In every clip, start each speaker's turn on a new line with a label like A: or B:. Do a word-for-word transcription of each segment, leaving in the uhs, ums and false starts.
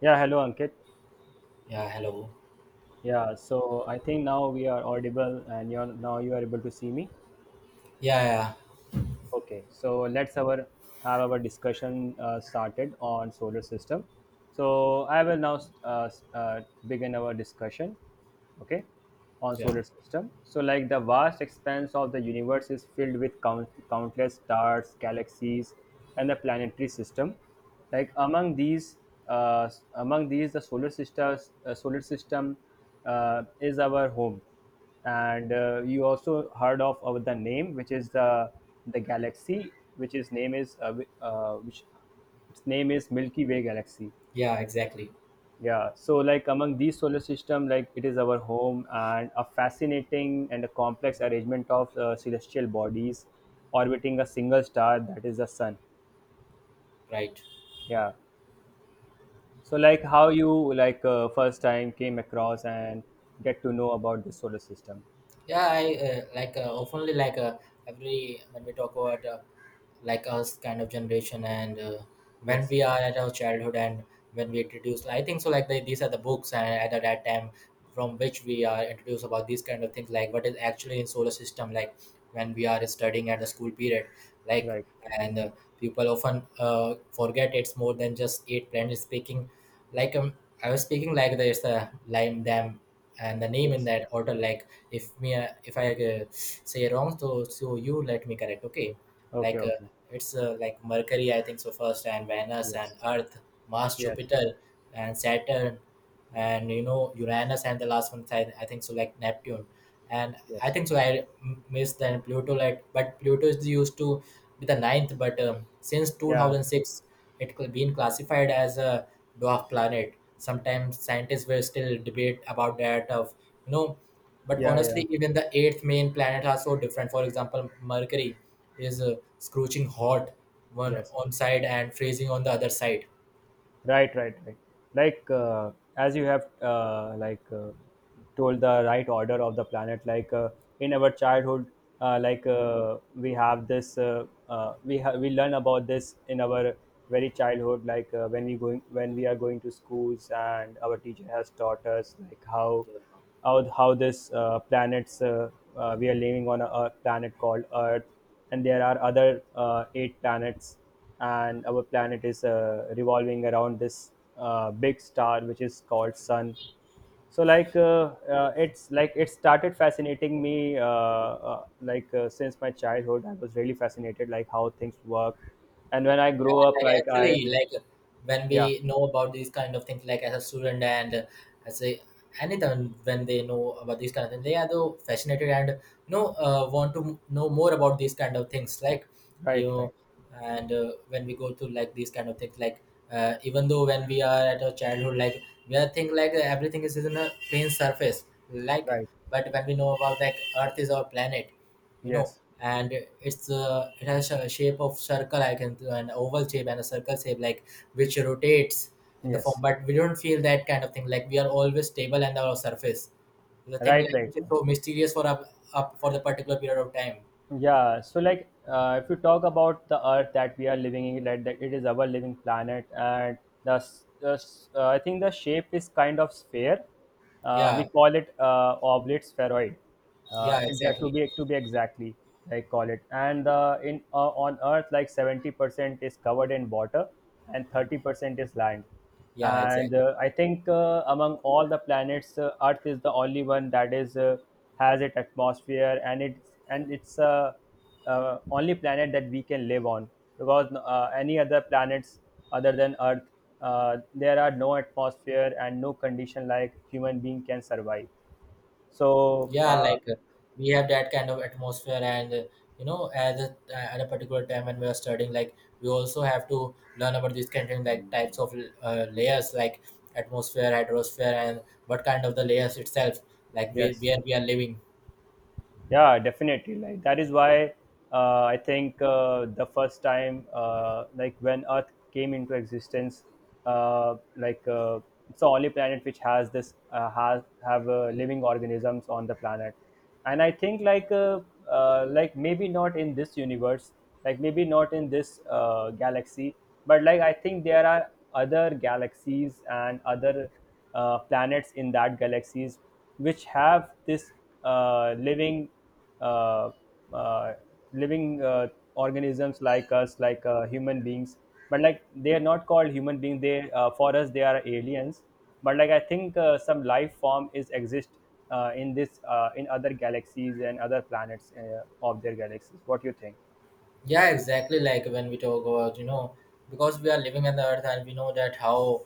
A: Yeah, hello Ankit.
B: Yeah, hello.
A: Yeah, so I think now we are audible and you're now you are able to see me.
B: Yeah, yeah.
A: Okay, so let's our have our discussion uh, started on solar system. So I will now uh, uh, begin our discussion. Okay, on
B: Yeah.
A: solar system. So like the vast expanse of the universe is filled with count- countless stars, galaxies and the planetary system. Like among these, uh, among these the solar system, uh, solar system uh, is our home. And uh, you also heard of, of the name, which is the the galaxy which is name is uh, wi- uh, which its name is Milky Way galaxy.
B: Yeah, exactly.
A: Yeah, so like among these solar system, like it is our home and a fascinating and a complex arrangement of uh, celestial bodies orbiting a single star, that is the sun.
B: Right.
A: Yeah, so like how you like uh, first time came across and get to know about the solar system?
B: Yeah, I uh, like uh, oftenly like uh, every when we talk about uh, like us kind of generation and uh, when
A: Yes.
B: we are at our childhood and when we introduce I think so like they, these are the books and at that that time from which we are introduced about these kind of things, like what is actually in solar system, like when we are studying at the school period like.
A: Right.
B: And uh, people often uh, forget it's more than just eight planets speaking, like. um, I was speaking like there's a lime them and the name in
A: Yes.
B: that order, like if me uh, if I uh, say wrong, so so you let me correct, okay.
A: Okay.
B: Like uh,
A: Okay.
B: it's uh, like Mercury, I think so first, and Venus and
A: Yes.
B: Earth, Mars,
A: Yes.
B: Jupiter, and Saturn, and you know Uranus, and the last one is I, I think so like Neptune. And I
A: Yes.
B: think so I m- missed then Pluto, like, but Pluto is used to be the ninth, but um, since
A: Yeah.
B: two thousand six it could been classified as a dwarf planet, sometimes scientists will still debate about that of you know. But
A: Yeah. Yeah.
B: honestly even the eighth main planet are so different, for example Mercury is uh, scorching hot one
A: Yes.
B: on side and freezing on the other side.
A: Right, right, right. Like uh, as you have uh, like uh, told the right order of the planet. Like uh, in our childhood, uh, like uh, we have this, uh, uh, we ha- we learn about this in our very childhood. Like uh, when we going when we are going to schools and our teacher has taught us like how how, how this uh, planets, uh, uh, we are living on a, a planet called Earth, and there are other uh, eight planets, and our planet is uh, revolving around this uh, big star which is called Sun. So like uh, uh, it's like it started fascinating me, uh, uh, like uh, since my childhood I was really fascinated like how things work. And when I grow
B: Yeah,
A: up,
B: like
A: like I,
B: actually, like when
A: yeah.
B: we know about these kind of things, like as a student and uh, as a anyone, when they know about these kind of things, they are though fascinated and you know uh, want to know more about these kind of things. Like you
A: Right, right,
B: know, and uh, when we go to like these kind of things, like uh, even though when we are at our childhood, like we are think like everything is in a plain surface, like.
A: right.
B: But when we know about like Earth is our planet, you know.
A: Yes.
B: And it's uh, it has a shape of circle I can an oval shape and a circle shape, like which rotates in the form
A: Yes.
B: but we don't feel that kind of thing, like we are always stable and our surface the thing
A: Right,
B: like
A: right,
B: which is
A: right.
B: so mysterious for up, up for the particular period of time.
A: Yeah, so like uh, if you talk about the Earth that we are living in, like that it is our living planet, and the, s- the s- uh, I think the shape is kind of sphere. Uh, we
B: Yeah.
A: call it uh, oblate spheroid. Uh,
B: Yeah,
A: it's uh, to
B: exactly.
A: be to be exactly, I call it. And uh, in uh, on Earth, like seventy percent is covered in water, and thirty percent is land.
B: Yeah,
A: And
B: exactly.
A: uh, I think uh, among all the planets, uh, Earth is the only one that is uh, has its atmosphere, and it's and it's uh, uh, only planet that we can live on, because uh, any other planets other than Earth, uh, there are no atmosphere and no condition like human being can survive. So
B: Yeah,
A: uh,
B: like uh, we have that kind of atmosphere and uh, you know at a, at a particular time when we are studying, like we also have to learn about these kind of like types of uh, layers, like atmosphere hydrosphere, and what kind of the layers itself, like where,
A: yes.
B: where we are living.
A: Yeah, definitely. Like that is why uh, I think uh, the first time, uh, like when Earth came into existence, uh, like uh, it's the only planet which has this uh, has have uh, living organisms on the planet. And I think like uh, uh, like maybe not in this universe, like maybe not in this uh, galaxy, but like I think there are other galaxies and other uh, planets in that galaxies which have this uh, living uh, uh, living uh, organisms like us, like uh, human beings, but like they are not called human beings, they, uh, for us they are aliens. But like I think uh, some life form is exist uh, in this uh, in other galaxies and other planets uh, of their galaxies. What do you think?
B: Yeah, exactly, like when we talk about, you know, because we are living on the earth and we know that how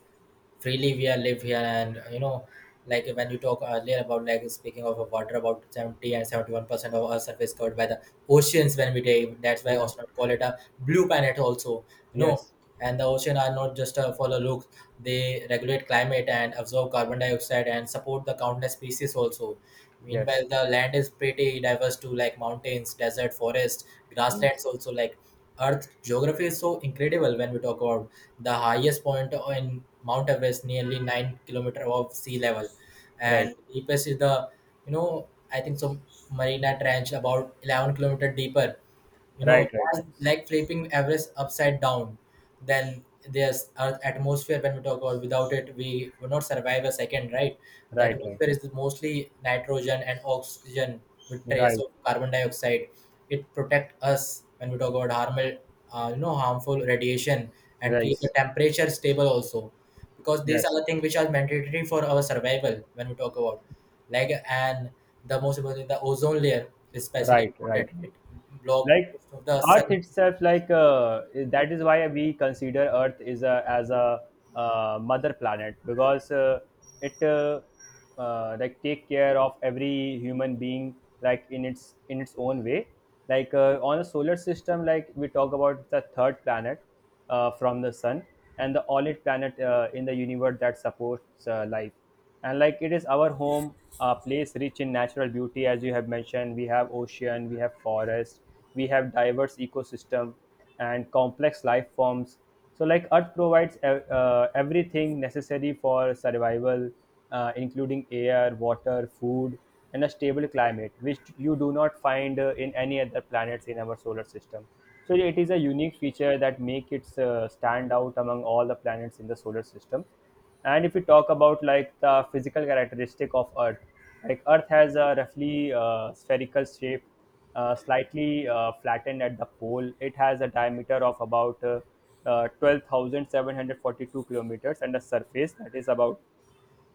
B: freely we are live here, and uh, you know, like when you talk earlier about like speaking of water about seventy and seventy-one percent of earth surface covered by the oceans, when we dive that's why
A: Yeah.
B: astronauts call it a blue planet also, you know.
A: Yes.
B: And the ocean are not just uh, for the look, they regulate climate and absorb carbon dioxide and support the countless species also. Meanwhile
A: Yes.
B: the land is pretty diverse too, like mountains, desert, forest,
A: Yes.
B: grasslands also, like earth geography is so incredible when we talk about the highest point in Mount Everest, nearly nine kilometer above sea level,
A: Right,
B: and deepest is the, you know, I think so Marina Trench, about eleven kilometer deeper, you
A: right.
B: know,
A: Right,
B: they like flipping Everest upside down. Then there's Earth atmosphere, when we talk about without it, we would not survive a second, right? The
A: right. Right,
B: atmosphere is mostly nitrogen and oxygen with trace
A: right,
B: of carbon dioxide. It protects us when we talk about harmful, uh, you know, harmful radiation, and keep the
A: right.
B: temperature stable also, because these
A: Yes,
B: are the things which are mandatory for our survival when we talk about, like. And the most important thing, the ozone layer is especially
A: right, right.
B: important, it block
A: Like
B: most of the
A: Earth
B: sun.
A: itself, like uh, that is why we consider Earth is a as a uh, mother planet, because uh, it uh, uh, like take care of every human being like in its in its own way. Like uh, on a solar system, like we talk about the third planet uh, from the sun, and the only planet uh, in the universe that supports uh, life. And like it is our home, a place rich in natural beauty. As you have mentioned, we have ocean, we have forest, we have diverse ecosystem and complex life forms. So like Earth provides uh, everything necessary for survival, uh, including air, water, food, and a stable climate, which you do not find uh, in any other planets in our solar system. So it is a unique feature that make it uh, stand out among all the planets in the solar system. And if we talk about like the physical characteristic of Earth, like Earth has a roughly uh, spherical shape, uh, slightly uh, flattened at the pole. It has a diameter of about uh, uh, twelve thousand seven hundred forty-two kilometers, and a surface that is about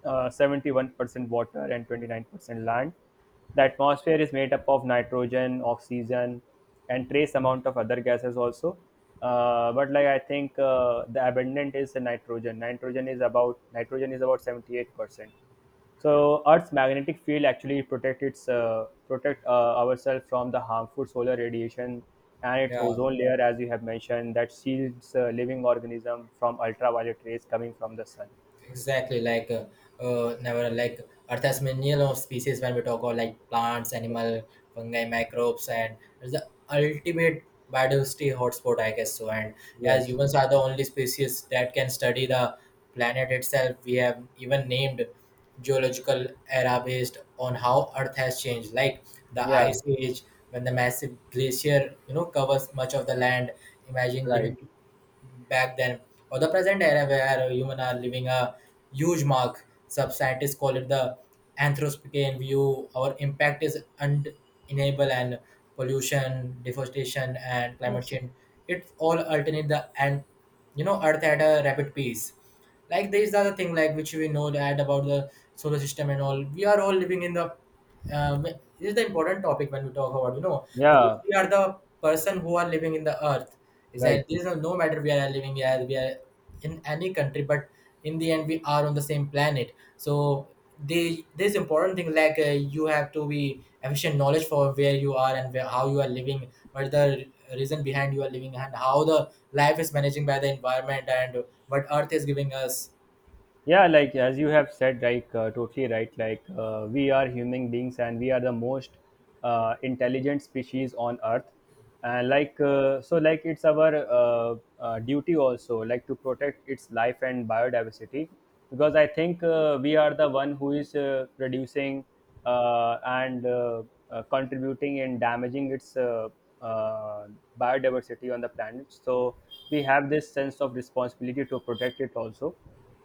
A: uh, seventy-one percent water and twenty-nine percent land. The atmosphere is made up of nitrogen, oxygen, and trace amount of other gases also. Uh, but like I think uh, the abundant is the nitrogen. Nitrogen is about nitrogen is about seventy-eight percent. So Earth's magnetic field actually protect its uh, protect uh, ourselves from the harmful solar radiation, and its
B: Yeah.
A: ozone layer, as you have mentioned, that shields uh, living organism from ultraviolet rays coming from the sun.
B: Exactly, like uh, uh, never, like Earth has million of species when we talk about, like plants,
A: Yes.
B: animal, fungi, microbes, and it's the ultimate biodiversity hotspot, I guess. So, and yeah, as
A: Yes.
B: humans are the only species that can study the planet itself, we have even named geological era based on how Earth has changed, like the
A: Yeah,
B: ice age when the massive glacier you know covers much of the land. Imagine
A: right.
B: living back then, or the present era where humans are living a huge mark. Some scientists call it the Anthropocene view. Our impact is undeniable, and pollution, deforestation, and climate
A: Yes.
B: change. It's all alternate the and you know Earth at a rapid pace. Like there is the thing like which we know that about the solar system and all. We are all living in the um, this is the important topic when we talk about, you know, because
A: Yeah,
B: we are the person who are living in the earth, is
A: right.
B: that there is no, no matter we are living here, we are in any country but in the end we are on the same planet. So the this important thing, like uh, you have to be efficient knowledge for where you are, and where, how you are living, what the reason behind you are living, and how the life is managing by the environment, and what earth is giving us.
A: Yeah, like as you have said, like uh, totally right. Like uh, we are human beings, and we are the most uh, intelligent species on Earth. And like uh, so, like it's our uh, uh, duty also, like to protect its life and biodiversity, because I think uh, we are the one who is uh, producing uh, and uh, uh, contributing and damaging its uh, uh, biodiversity on the planet. So we have this sense of responsibility to protect it also.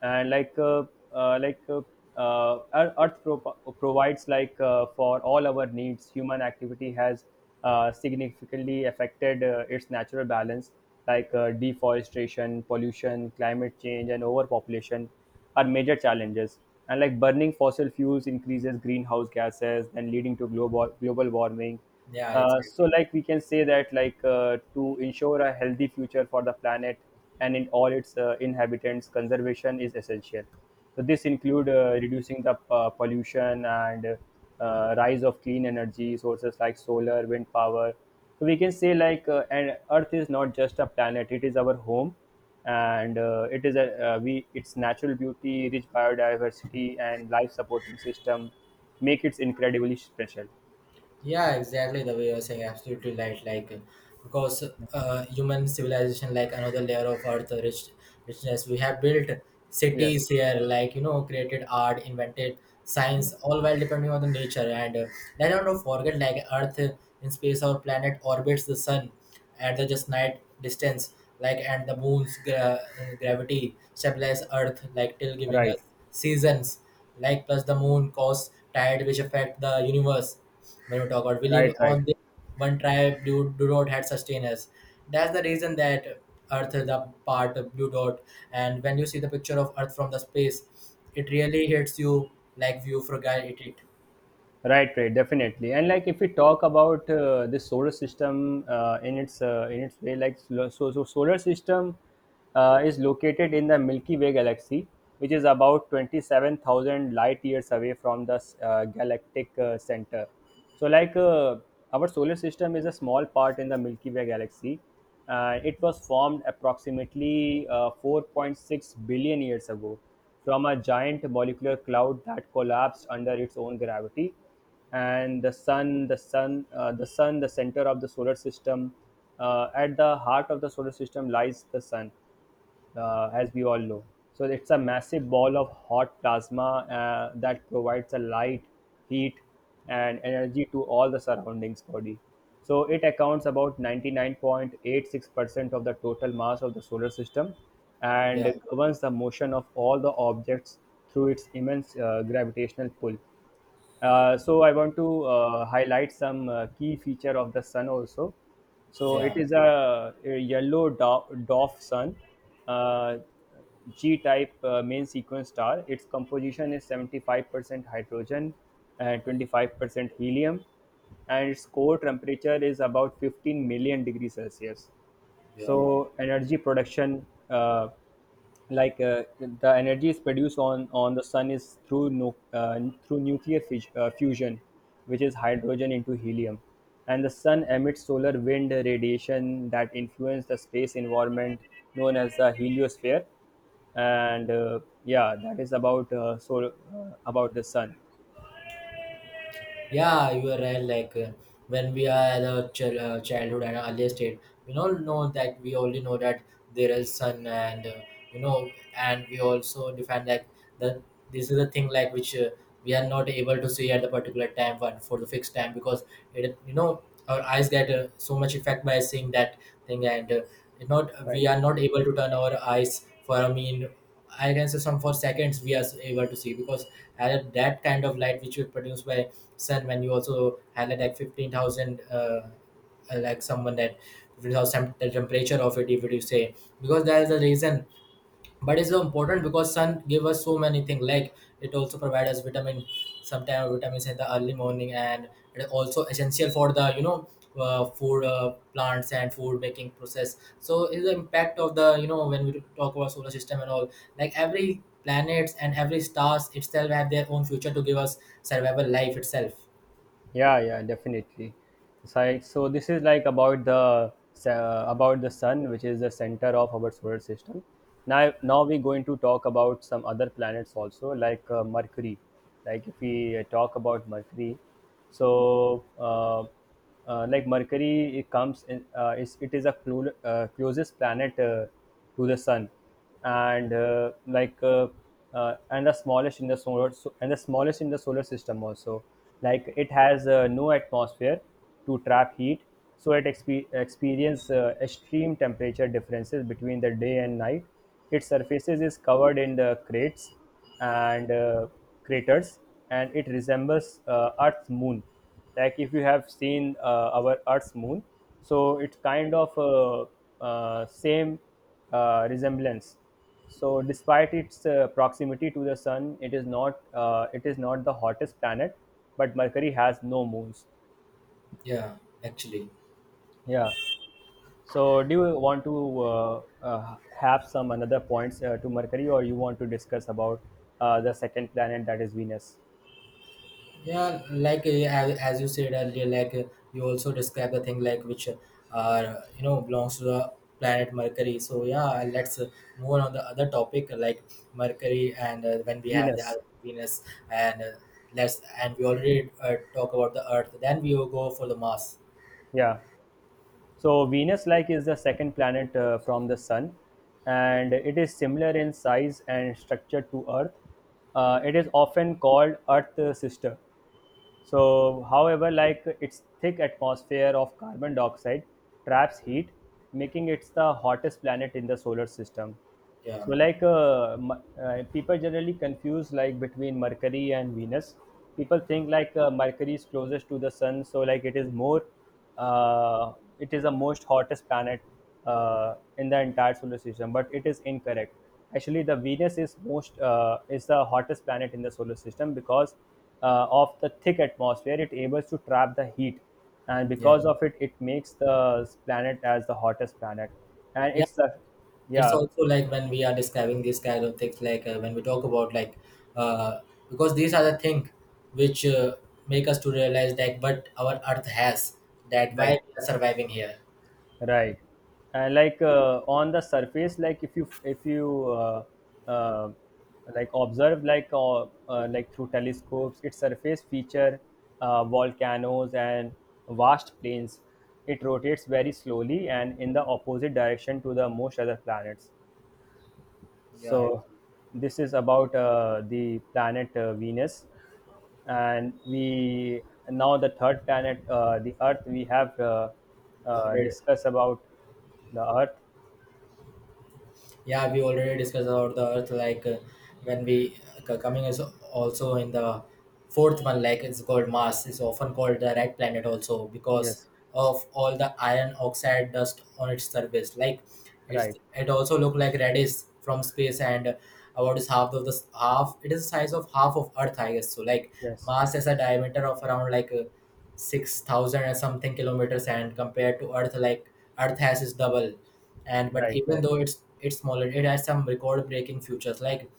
A: And like uh, uh, like uh, uh, Ear- Earth pro- provides like uh, for all our needs. Human activity has uh, significantly affected uh, its natural balance, like uh, deforestation, pollution, climate change, and overpopulation are major challenges. And like burning fossil fuels increases greenhouse gases, and leading to global global warming.
B: Yeah,
A: Uh, so
B: exactly.
A: like we can say that like uh, to ensure a healthy future for the planet and in all its uh, inhabitants, conservation is essential. So this include uh, reducing the uh, pollution and uh, rise of clean energy sources like solar, wind power. So we can say like uh, and Earth is not just a planet; it is our home, and uh, it is a, uh, we, its natural beauty, rich biodiversity and life supporting system make it incredibly special.
B: Yeah, exactly the way you're saying, absolutely right. Like, because uh, human civilization, like another layer of earth rich, richness, we have built
A: Yes.
B: cities here, like, you know, created art, invented science, all while depending on the nature. And uh, let us not forget, like Earth in space, our planet orbits the sun, at the just night distance, like, and the moon's gra- gravity stabilize Earth, like till giving
A: Right,
B: us seasons, like plus the moon cause tide which affect the universe. When we talk about we
A: right,
B: live
A: right.
B: on this one tribe, do, do not had sustain us. That's the reason that Earth is a part of blue dot, and when you see the picture of Earth from the space, it really hits you like view fragile it. it.
A: Right, right, definitely. And like, if we talk about uh, the solar system uh, in its uh, in its way, like so, so so solar system uh, is located in the Milky Way galaxy, which is about twenty seven thousand light years away from the uh, galactic uh, center. So, like, uh, our solar system is a small part in the Milky Way galaxy. Uh, it was formed approximately uh, four point six billion years ago from a giant molecular cloud that collapsed under its own gravity. And the sun, the sun, uh, the sun, the center of the solar system, uh, at the heart of the solar system lies the sun, uh, as we all know. So it's a massive ball of hot plasma uh, that provides a light, heat, and energy to all the surroundings body. So it accounts about ninety-nine point eight six percent of the total mass of the solar system
B: Yeah,
A: and governs the motion of all the objects through its immense uh, gravitational pull. Uh, so I want to uh, highlight some uh, key feature of the sun also. So it
B: yeah,
A: is a, a yellow do- dwarf sun, uh, G-type uh, main sequence star. Its composition is seventy-five percent hydrogen and twenty-five percent helium, and its core temperature is about fifteen million degrees Celsius.
B: yeah.
A: So energy production, uh, like uh, the energy is produced on on the sun is through nu- uh, through nuclear fis- uh, fusion, which is hydrogen into helium. And the sun emits solar wind radiation that influence the space environment, known as the heliosphere. And uh, yeah, that is about uh, so uh, about the sun.
B: Yeah, you are right. Like uh, when we are at our ch- uh, childhood and earlier state, we all know that we only know that there is sun, and uh, you know, and we also define like that this is a thing like which uh, we are not able to see at a particular time for, for the fixed time, because it you know our eyes get uh, so much effect by seeing that thing, and uh, it not we
A: Right.
B: are not able to turn our eyes for, I mean, I can say some for seconds we are able to see, because at that kind of light which is produced by sun, when you also highlight like fifteen thousand uh, uh, like someone that fifteen thousand temp- the temperature of it if you say, because there is a reason, but it's so important because sun give us so many things, like it also provides us vitamin, sometimes vitamins in the early morning, and it also essential for the, you know, uh, food uh, plants and food making process, so is the impact of the, you know, when we talk about solar system and all, like every planets and every stars itself have their own future to give us survival life itself.
A: Yeah, yeah, definitely. So, I, so this is like about the uh, about the sun, which is the center of our solar system. Now, now we're going to talk about some other planets also, like uh, Mercury. Like if we uh, talk about Mercury, so uh, uh, like Mercury, it comes in. Uh, is it is a clo- uh, closest planet uh, to the sun, and uh, like uh, uh, and the smallest in the solar so, and the smallest in the solar system also. Like it has uh, no atmosphere to trap heat, so it expe- experience uh, extreme temperature differences between the day and night. Its surfaces is covered in the crates and uh, craters, and it resembles uh, Earth's moon. Like if you have seen uh, our Earth's moon, so it's kind of uh, uh, same uh, resemblance. So, despite its uh, proximity to the sun, it is not uh, it is not the hottest planet, but Mercury has no moons.
B: Yeah, actually.
A: Yeah. So, do you want to uh, uh, have some another points uh, to Mercury, or you want to discuss about uh, the second planet, that is Venus?
B: Yeah, like uh, as as you said earlier, like uh, you also describe the thing like which uh you know belongs to the planet mercury, so yeah, let's uh, move on, on the other topic, uh, like mercury, and uh, when we have the
A: Venus.
B: other venus, and uh, let's and we already uh, talk about the earth, then we will go for the mars.
A: Yeah. So Venus, like, is the second planet uh, from the Sun, and it is similar in size and structure to Earth. Uh, it is often called Earth sister. So, however, like, its thick atmosphere of carbon dioxide traps heat, making it the hottest planet in the solar system. So,
B: Yeah.
A: like uh, Mer- uh, people generally confuse like between Mercury and Venus. People think like uh, Mercury is closest to the sun, so like it is more uh, it is the most hottest planet uh, in the entire solar system, but it is incorrect. Actually, the Venus is most uh, is the hottest planet in the solar system because uh, of the thick atmosphere. It able to trap the heat, and
B: Yeah.
A: because of it, it makes the planet as the hottest planet. And
B: Yeah,
A: it's the
B: it's
A: yeah,
B: also like when we are describing these kind of things, like uh, when we talk about like uh, because these are the things which uh, make us to realize that but our earth has that why
A: right.
B: we are surviving here.
A: Right. And like uh, on the surface, like if you if you uh, uh, like observe like uh, uh, like through telescopes, its surface feature uh, volcanoes and vast plains. It rotates very slowly and in the opposite direction to the most other planets.
B: Yeah, it's
A: So this is about uh, the planet uh, Venus, and we now the third planet, uh, the Earth. We have uh, uh,
B: already.
A: discussed about the Earth.
B: Yeah, we already discussed about the earth, like uh, when we uh, c- coming is also in the fourth one, like it's called mars. It's often called the red planet also because
A: Yes,
B: of all the iron oxide dust on its surface, like it's
A: right.
B: it also look like reddish from space. And about is half of the s- half it is the size of half of earth, I guess so. Like
A: Yes,
B: mars has a diameter of around, like uh, six thousand and something kilometers, and compared to earth, like earth has its double. And but
A: right,
B: even
A: right.
B: though it's it's smaller, it has some record breaking features, like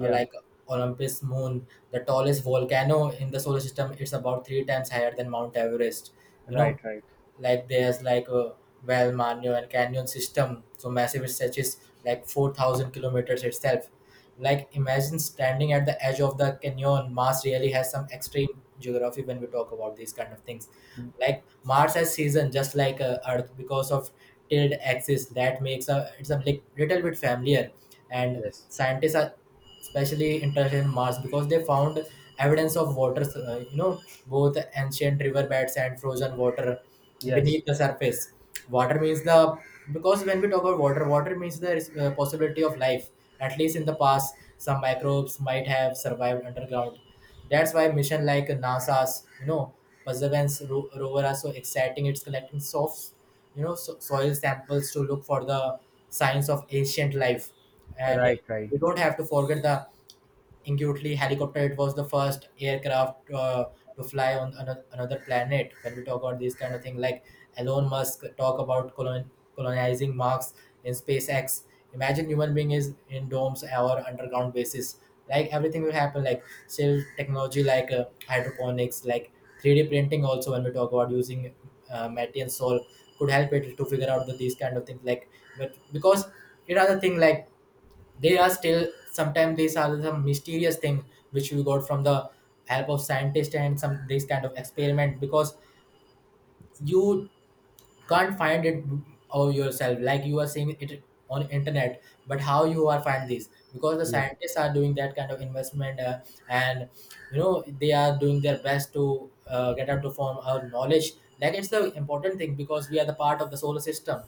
B: uh, like olympus moon, the tallest volcano in the solar system, it's about three times higher than mount everest, you
A: right,
B: know.
A: right.
B: Like there's like a well Manio and canyon system so massive it stretches like four thousand kilometers itself, like imagine standing at the edge of the canyon mars really has some extreme geography when we talk about these kind of things. Like mars has season just like uh, earth because of tilted axis that makes a it's a li- little bit familiar. And
A: Yes,
B: scientists are especially interested in Mars because they found evidence of water, uh, you know, both ancient riverbeds and frozen water
A: yes,
B: beneath the surface. Water means the Because when we talk about water, water means the uh, possibility of life. At least in the past, some microbes might have survived underground. That's why mission like NASA's, you know, Perseverance ro- rover are so exciting. It's collecting soft you know so, soil samples to look for the signs of ancient life. And
A: right, right.
B: we don't have to forget the Ingutli helicopter. It was the first aircraft uh, to fly on ano- another planet. When we talk about these kind of thing, like Elon Musk talk about colon- colonizing Mars in SpaceX. Imagine human being is in domes or underground bases. Like everything will happen. Like still technology like uh, hydroponics, like three D printing. Also, when we talk about using uh, matter and soil, could help it to figure out the, these kind of things. Like, but because it are the thing, like they are still sometimes these are some mysterious thing which we got from the help of scientists and some this kind of experiment because you can't find it of yourself. Like you are seeing it on internet, but how you are find this because the
A: Yes,
B: scientists are doing that kind of investment uh, and you know they are doing their best to uh, get out to form our knowledge. Like it's the important thing because we are the part of the solar system.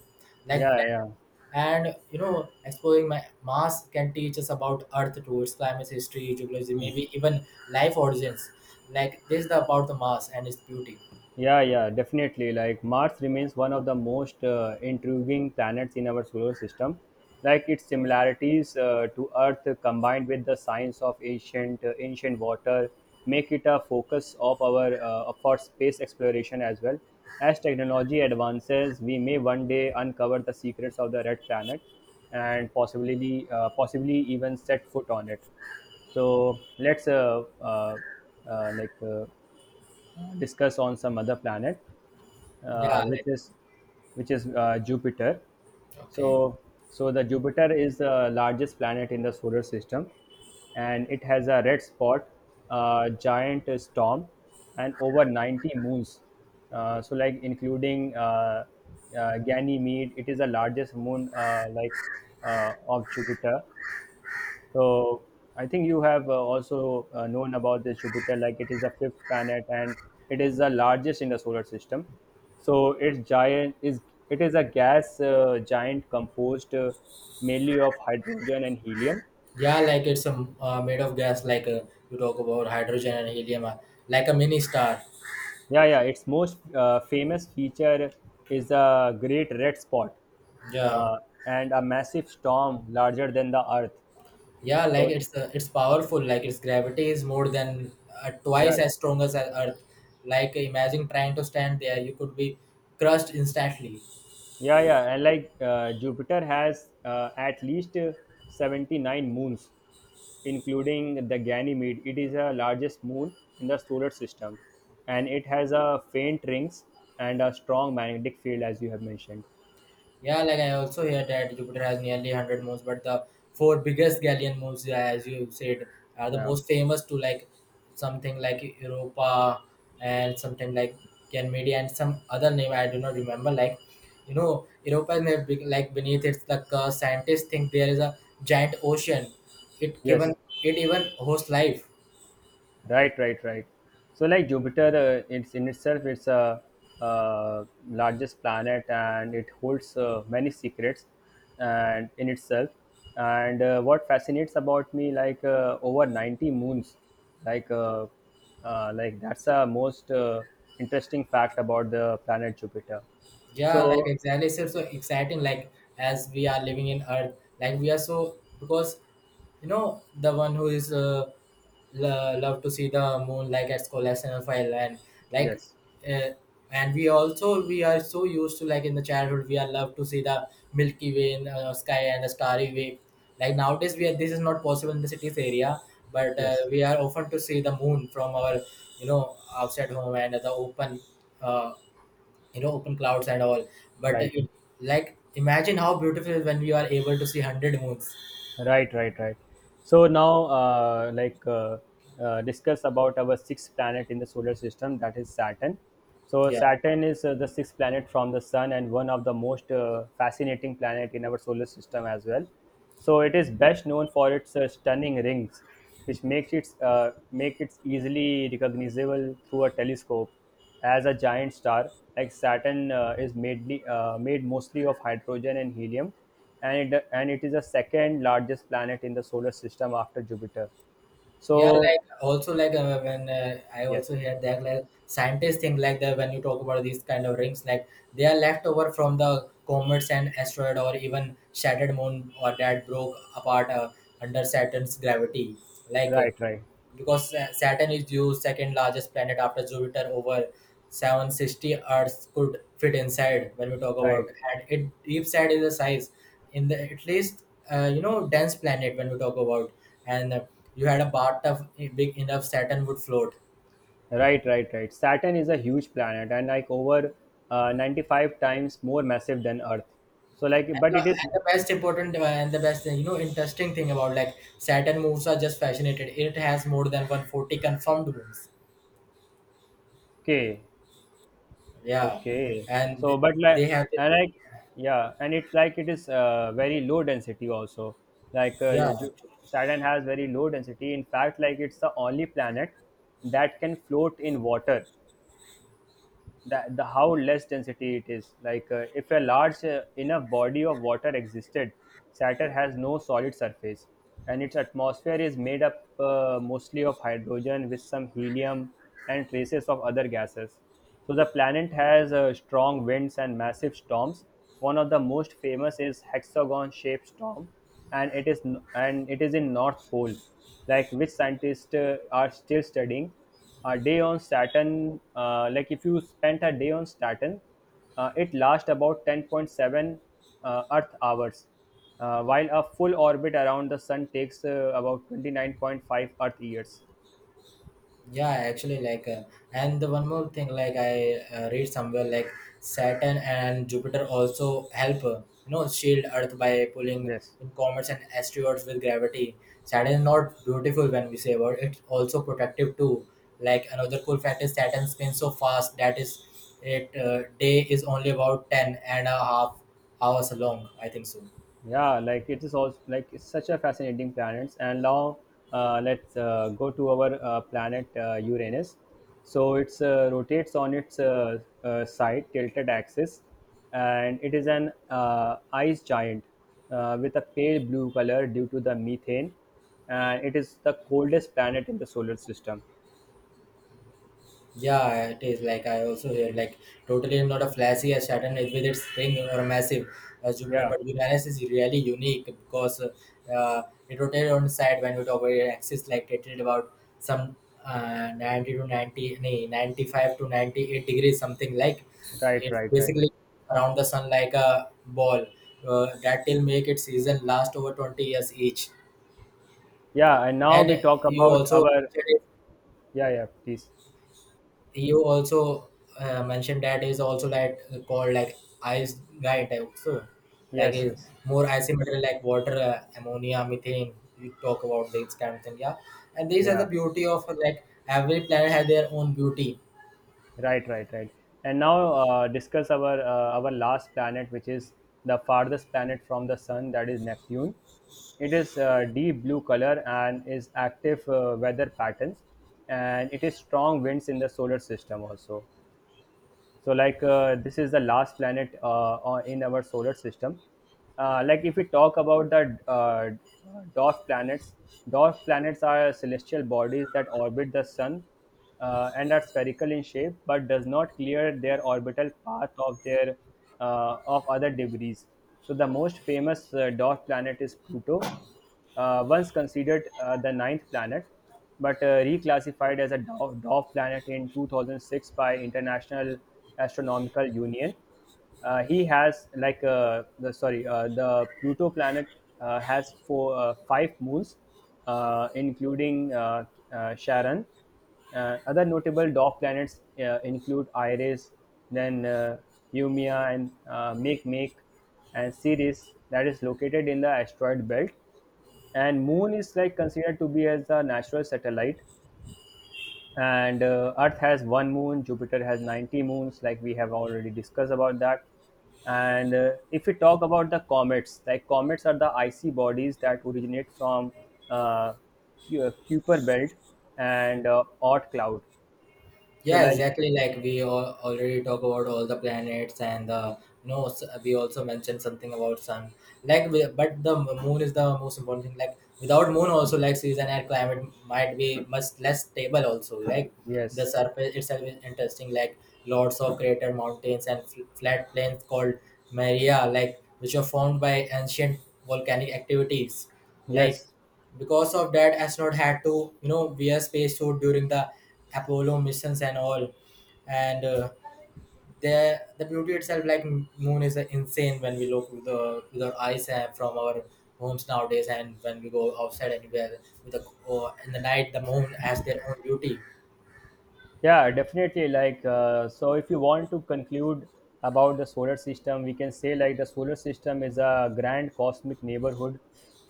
B: Like,
A: yeah, yeah.
B: and you know exploring my mars can teach us about earth towards climate history geology
A: Yeah. Yes.
B: maybe even life origins. Like this is the, about the mars and its beauty.
A: Yeah, yeah, definitely. Like Mars remains one of the most uh, intriguing planets in our solar system. Like its similarities uh, to Earth combined with the science of ancient uh, ancient water make it a focus of our uh, for space exploration as well. As technology advances, we may one day uncover the secrets of the red planet and possibly uh, possibly even set foot on it. So let's uh, uh, uh, like uh, discuss on some other planet,
B: Yeah,
A: uh, which
B: like
A: is which is uh, Jupiter.
B: okay.
A: So, so the Jupiter is the largest planet in the solar system, and it has a red spot, a giant storm, and over ninety moons. Uh, so like including uh, uh, Ganymede, it is the largest moon uh, like uh, of Jupiter. So I think you have uh, also uh, known about this Jupiter, like it is the fifth planet and it is the largest in the solar system. So its giant is it is a gas uh, giant composed uh, mainly of hydrogen and helium.
B: Yeah, like it's um, uh, made of gas, like uh, you talk about hydrogen and helium uh, like a mini star.
A: Yeah, yeah. Its most uh, famous feature is a great red spot,
B: Yeah,
A: uh, and a massive storm larger than the Earth.
B: yeah, like
A: So
B: it's uh, it's powerful. Like its gravity is more than uh,
A: yeah,
B: twice as strong as uh, earth. Like imagine trying to stand there, you could be crushed instantly.
A: yeah, yeah. And like uh, Jupiter has uh, at least uh, seventy nine moons, including the Ganymede. It is the largest moon in the solar system, and it has a faint rings and a strong magnetic field, as you have mentioned.
B: Yeah, like I also hear that Jupiter has nearly one hundred moons, but the four biggest Galilean moons, yeah, as you said, are the
A: Yeah.
B: most famous to, like something like Europa and something like Ganymede and some other name I do not remember. Like, you know, Europa is like big- like beneath its the curse. Scientists think there is a giant ocean. It given
A: Yes.
B: it even hosts life.
A: Right, right, right. So like Jupiter, uh, it's in itself, it's a uh, largest planet, and it holds uh, many secrets, and in itself. And uh, what fascinates about me, like uh, over ninety moons, like uh, uh, like that's a most uh, interesting fact about the planet Jupiter.
B: Yeah, like
A: So
B: exactly. So, so exciting. Like as we are living in Earth, like we are so because you know, the one who is uh, lo- love to see the moon like at collection file and like
A: yes,
B: uh, and we also we are so used to, like in the childhood we are love to see the Milky Way in uh, sky and the starry way. Like nowadays we are this is not possible in the cities area, but uh,
A: yes,
B: we are often to see the moon from our, you know, outside home and the open uh, you know open clouds and all. But uh,
A: right.
B: it, like imagine how beautiful when we are able to see one hundred moons.
A: Right, right, right. So now, uh, like, uh, uh, discuss about our sixth planet in the solar system, that is Saturn. So
B: Yeah.
A: Saturn is uh, the sixth planet from the Sun and one of the most uh, fascinating planet in our solar system as well. So it is best known for its uh, stunning rings, which makes it uh, make it easily recognizable through a telescope as a giant star. Like Saturn uh, is mainly uh, made mostly of hydrogen and helium, and it, and it is the second largest planet in the solar system after Jupiter.
B: Yeah,
A: So
B: like also, like uh, when uh, I also
A: yes,
B: hear that, like scientists think like that when you talk about these kind of rings, like they are left over from the comets and asteroid or even shattered moon or that broke apart uh, under saturn's gravity. Like uh,
A: right, right,
B: because Sa- Saturn is Zeus' second largest planet after Jupiter. Over seven sixty Earths could fit inside when we talk
A: right,
B: about, and it deep side is the size in the at least uh, you know dense planet when we talk about, and uh, you had a bathtub big enough, Saturn would float.
A: right, right, right. Saturn is a huge planet, and like over uh, ninety five times more massive than Earth. So like,
B: And
A: but
B: the,
A: it is
B: and the best important, uh, and the best, you know, interesting thing about, like Saturn moons are just fascinated. It has more than one hundred forty confirmed moons.
A: okay.
B: Yeah,
A: Okay.
B: and
A: So, but
B: they
A: like,
B: have.
A: and like, yeah, and it's like it is uh, very low density also. Like,
B: Yeah.
A: uh, Ju-
B: Actually.
A: Saturn has very low density. In fact, like, it's the only planet that can float in water. That the how less density it is, like uh, if a large uh, enough body of water existed. Saturn has no solid surface, and its atmosphere is made up uh, mostly of hydrogen with some helium and traces of other gases. So the planet has uh, strong winds and massive storms. One of the most famous is hexagon shaped storm, and it is and it is in north pole, like which scientists uh, are still studying. A day on Saturn, uh, like if you spent a day on Saturn, uh, it lasts about ten point seven uh, Earth hours, uh, while a full orbit around the Sun takes uh, about twenty nine point five Earth years.
B: Yeah, actually, like uh, and the one more thing, like I uh, read somewhere, like saturn and jupiter also help, uh, you know shield earth by pulling
A: Yes.
B: in comets and asteroids with gravity. Saturn is not beautiful when we say about it, it's also protective too. Like another cool fact is saturn spins so fast that is it uh, day is only about ten and a half hours long, I think so.
A: Yeah, like it is also like it's such a fascinating planet. And now uh, let's uh, go to our uh, planet uh, Uranus. So it's uh, rotates on its uh, uh, side tilted axis, and it is an uh, ice giant uh, with a pale blue color due to the methane, and it is the coldest planet in the solar system.
B: Yeah, it is, like I also hear like totally not a flashy as Saturn is with its ring or massive as Jupiter,
A: Yeah,
B: but Uranus is really unique because uh, it rotates on the side when we talk about its axis. Like it is about some uh, ninety to ninety, nay, ninety-five to ninety-eight degrees, something like.
A: right,
B: It's
A: right, right.
B: basically around the sun like a ball uh, that will make its season last over twenty years each.
A: Yeah, and now we
B: And
A: talk
B: you
A: about
B: also
A: our yeah, yeah, please.
B: you also uh, mentioned that is also like called like ice guide also, like
A: Yes,
B: is
A: yes.
B: more asymmetrical like water, uh, ammonia methane, you talk about these kind of thing, yeah. And these are the
A: Yeah.
B: beauty of, uh, like every planet has their own beauty.
A: Right, right, right. And now uh, discuss our uh, our last planet, which is the farthest planet from the sun, that is Neptune. It is uh, deep blue color and is active uh, weather patterns, and it is strong winds in the solar system also. So like uh, this is the last planet uh, uh, in our solar system. Uh, like if we talk about the uh, dwarf planets, dwarf planets are celestial bodies that orbit the sun uh, and are spherical in shape but does not clear their orbital path of their uh, of other debris. So the most famous uh, dwarf planet is Pluto, uh, once considered uh, the ninth planet, but uh, reclassified as a dwarf, dwarf planet in two thousand six by International Astronomical Union. Uh, he has like uh, the sorry uh, the Pluto planet uh, has four uh, five moons, uh, including uh, uh, Charon. Uh, other notable dwarf planets uh, include Iris, then uh, Eumea and uh, Make, and Ceres, that is located in the asteroid belt. And moon is like considered to be as a natural satellite, and uh, earth has one moon, jupiter has ninety moons, like we have already discussed about that. And uh, if we talk about the comets, like comets are the icy bodies that originate from uh, Cu- uh, kuiper belt and uh, oort cloud. So
B: Yeah,
A: like
B: exactly. Like we all already talk about all the planets and the you know s- we also mentioned something about sun. Like we- but the m- moon is the most important thing. Like without moon also, like season and climate might be much less stable also. Like the
A: yes,
B: surface itself is interesting. Like lots of crater mountains and fl- flat plains called Maria, like which are formed by ancient volcanic activities. Like
A: yes.
B: because of that astronaut had to, you know, wear space suit during the apollo missions and all. And uh, the the beauty itself, like moon is uh, insane when we look with the with our eyes uh, from our homes nowadays, and when we go outside anywhere with the or in the night the moon has their own beauty.
A: Yeah, definitely. Like, uh, so if you want to conclude about the solar system, we can say like the solar system is a grand cosmic neighborhood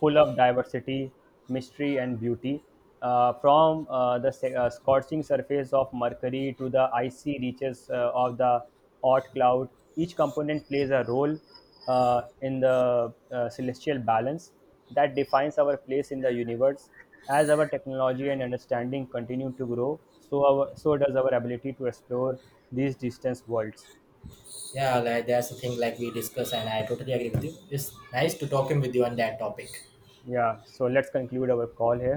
A: full of diversity, mystery, and beauty. Uh, from uh, the se- uh, scorching surface of Mercury to the icy reaches uh, of the Oort cloud, each component plays a role uh, in the uh, celestial balance that defines our place in the universe. As our technology and understanding continue to grow, so our so does our ability to explore these distant worlds.
B: Yeah, like that's the thing, like we discuss and I totally agree with you. It's nice to talking with you on that topic.
A: Yeah. So let's conclude our call here.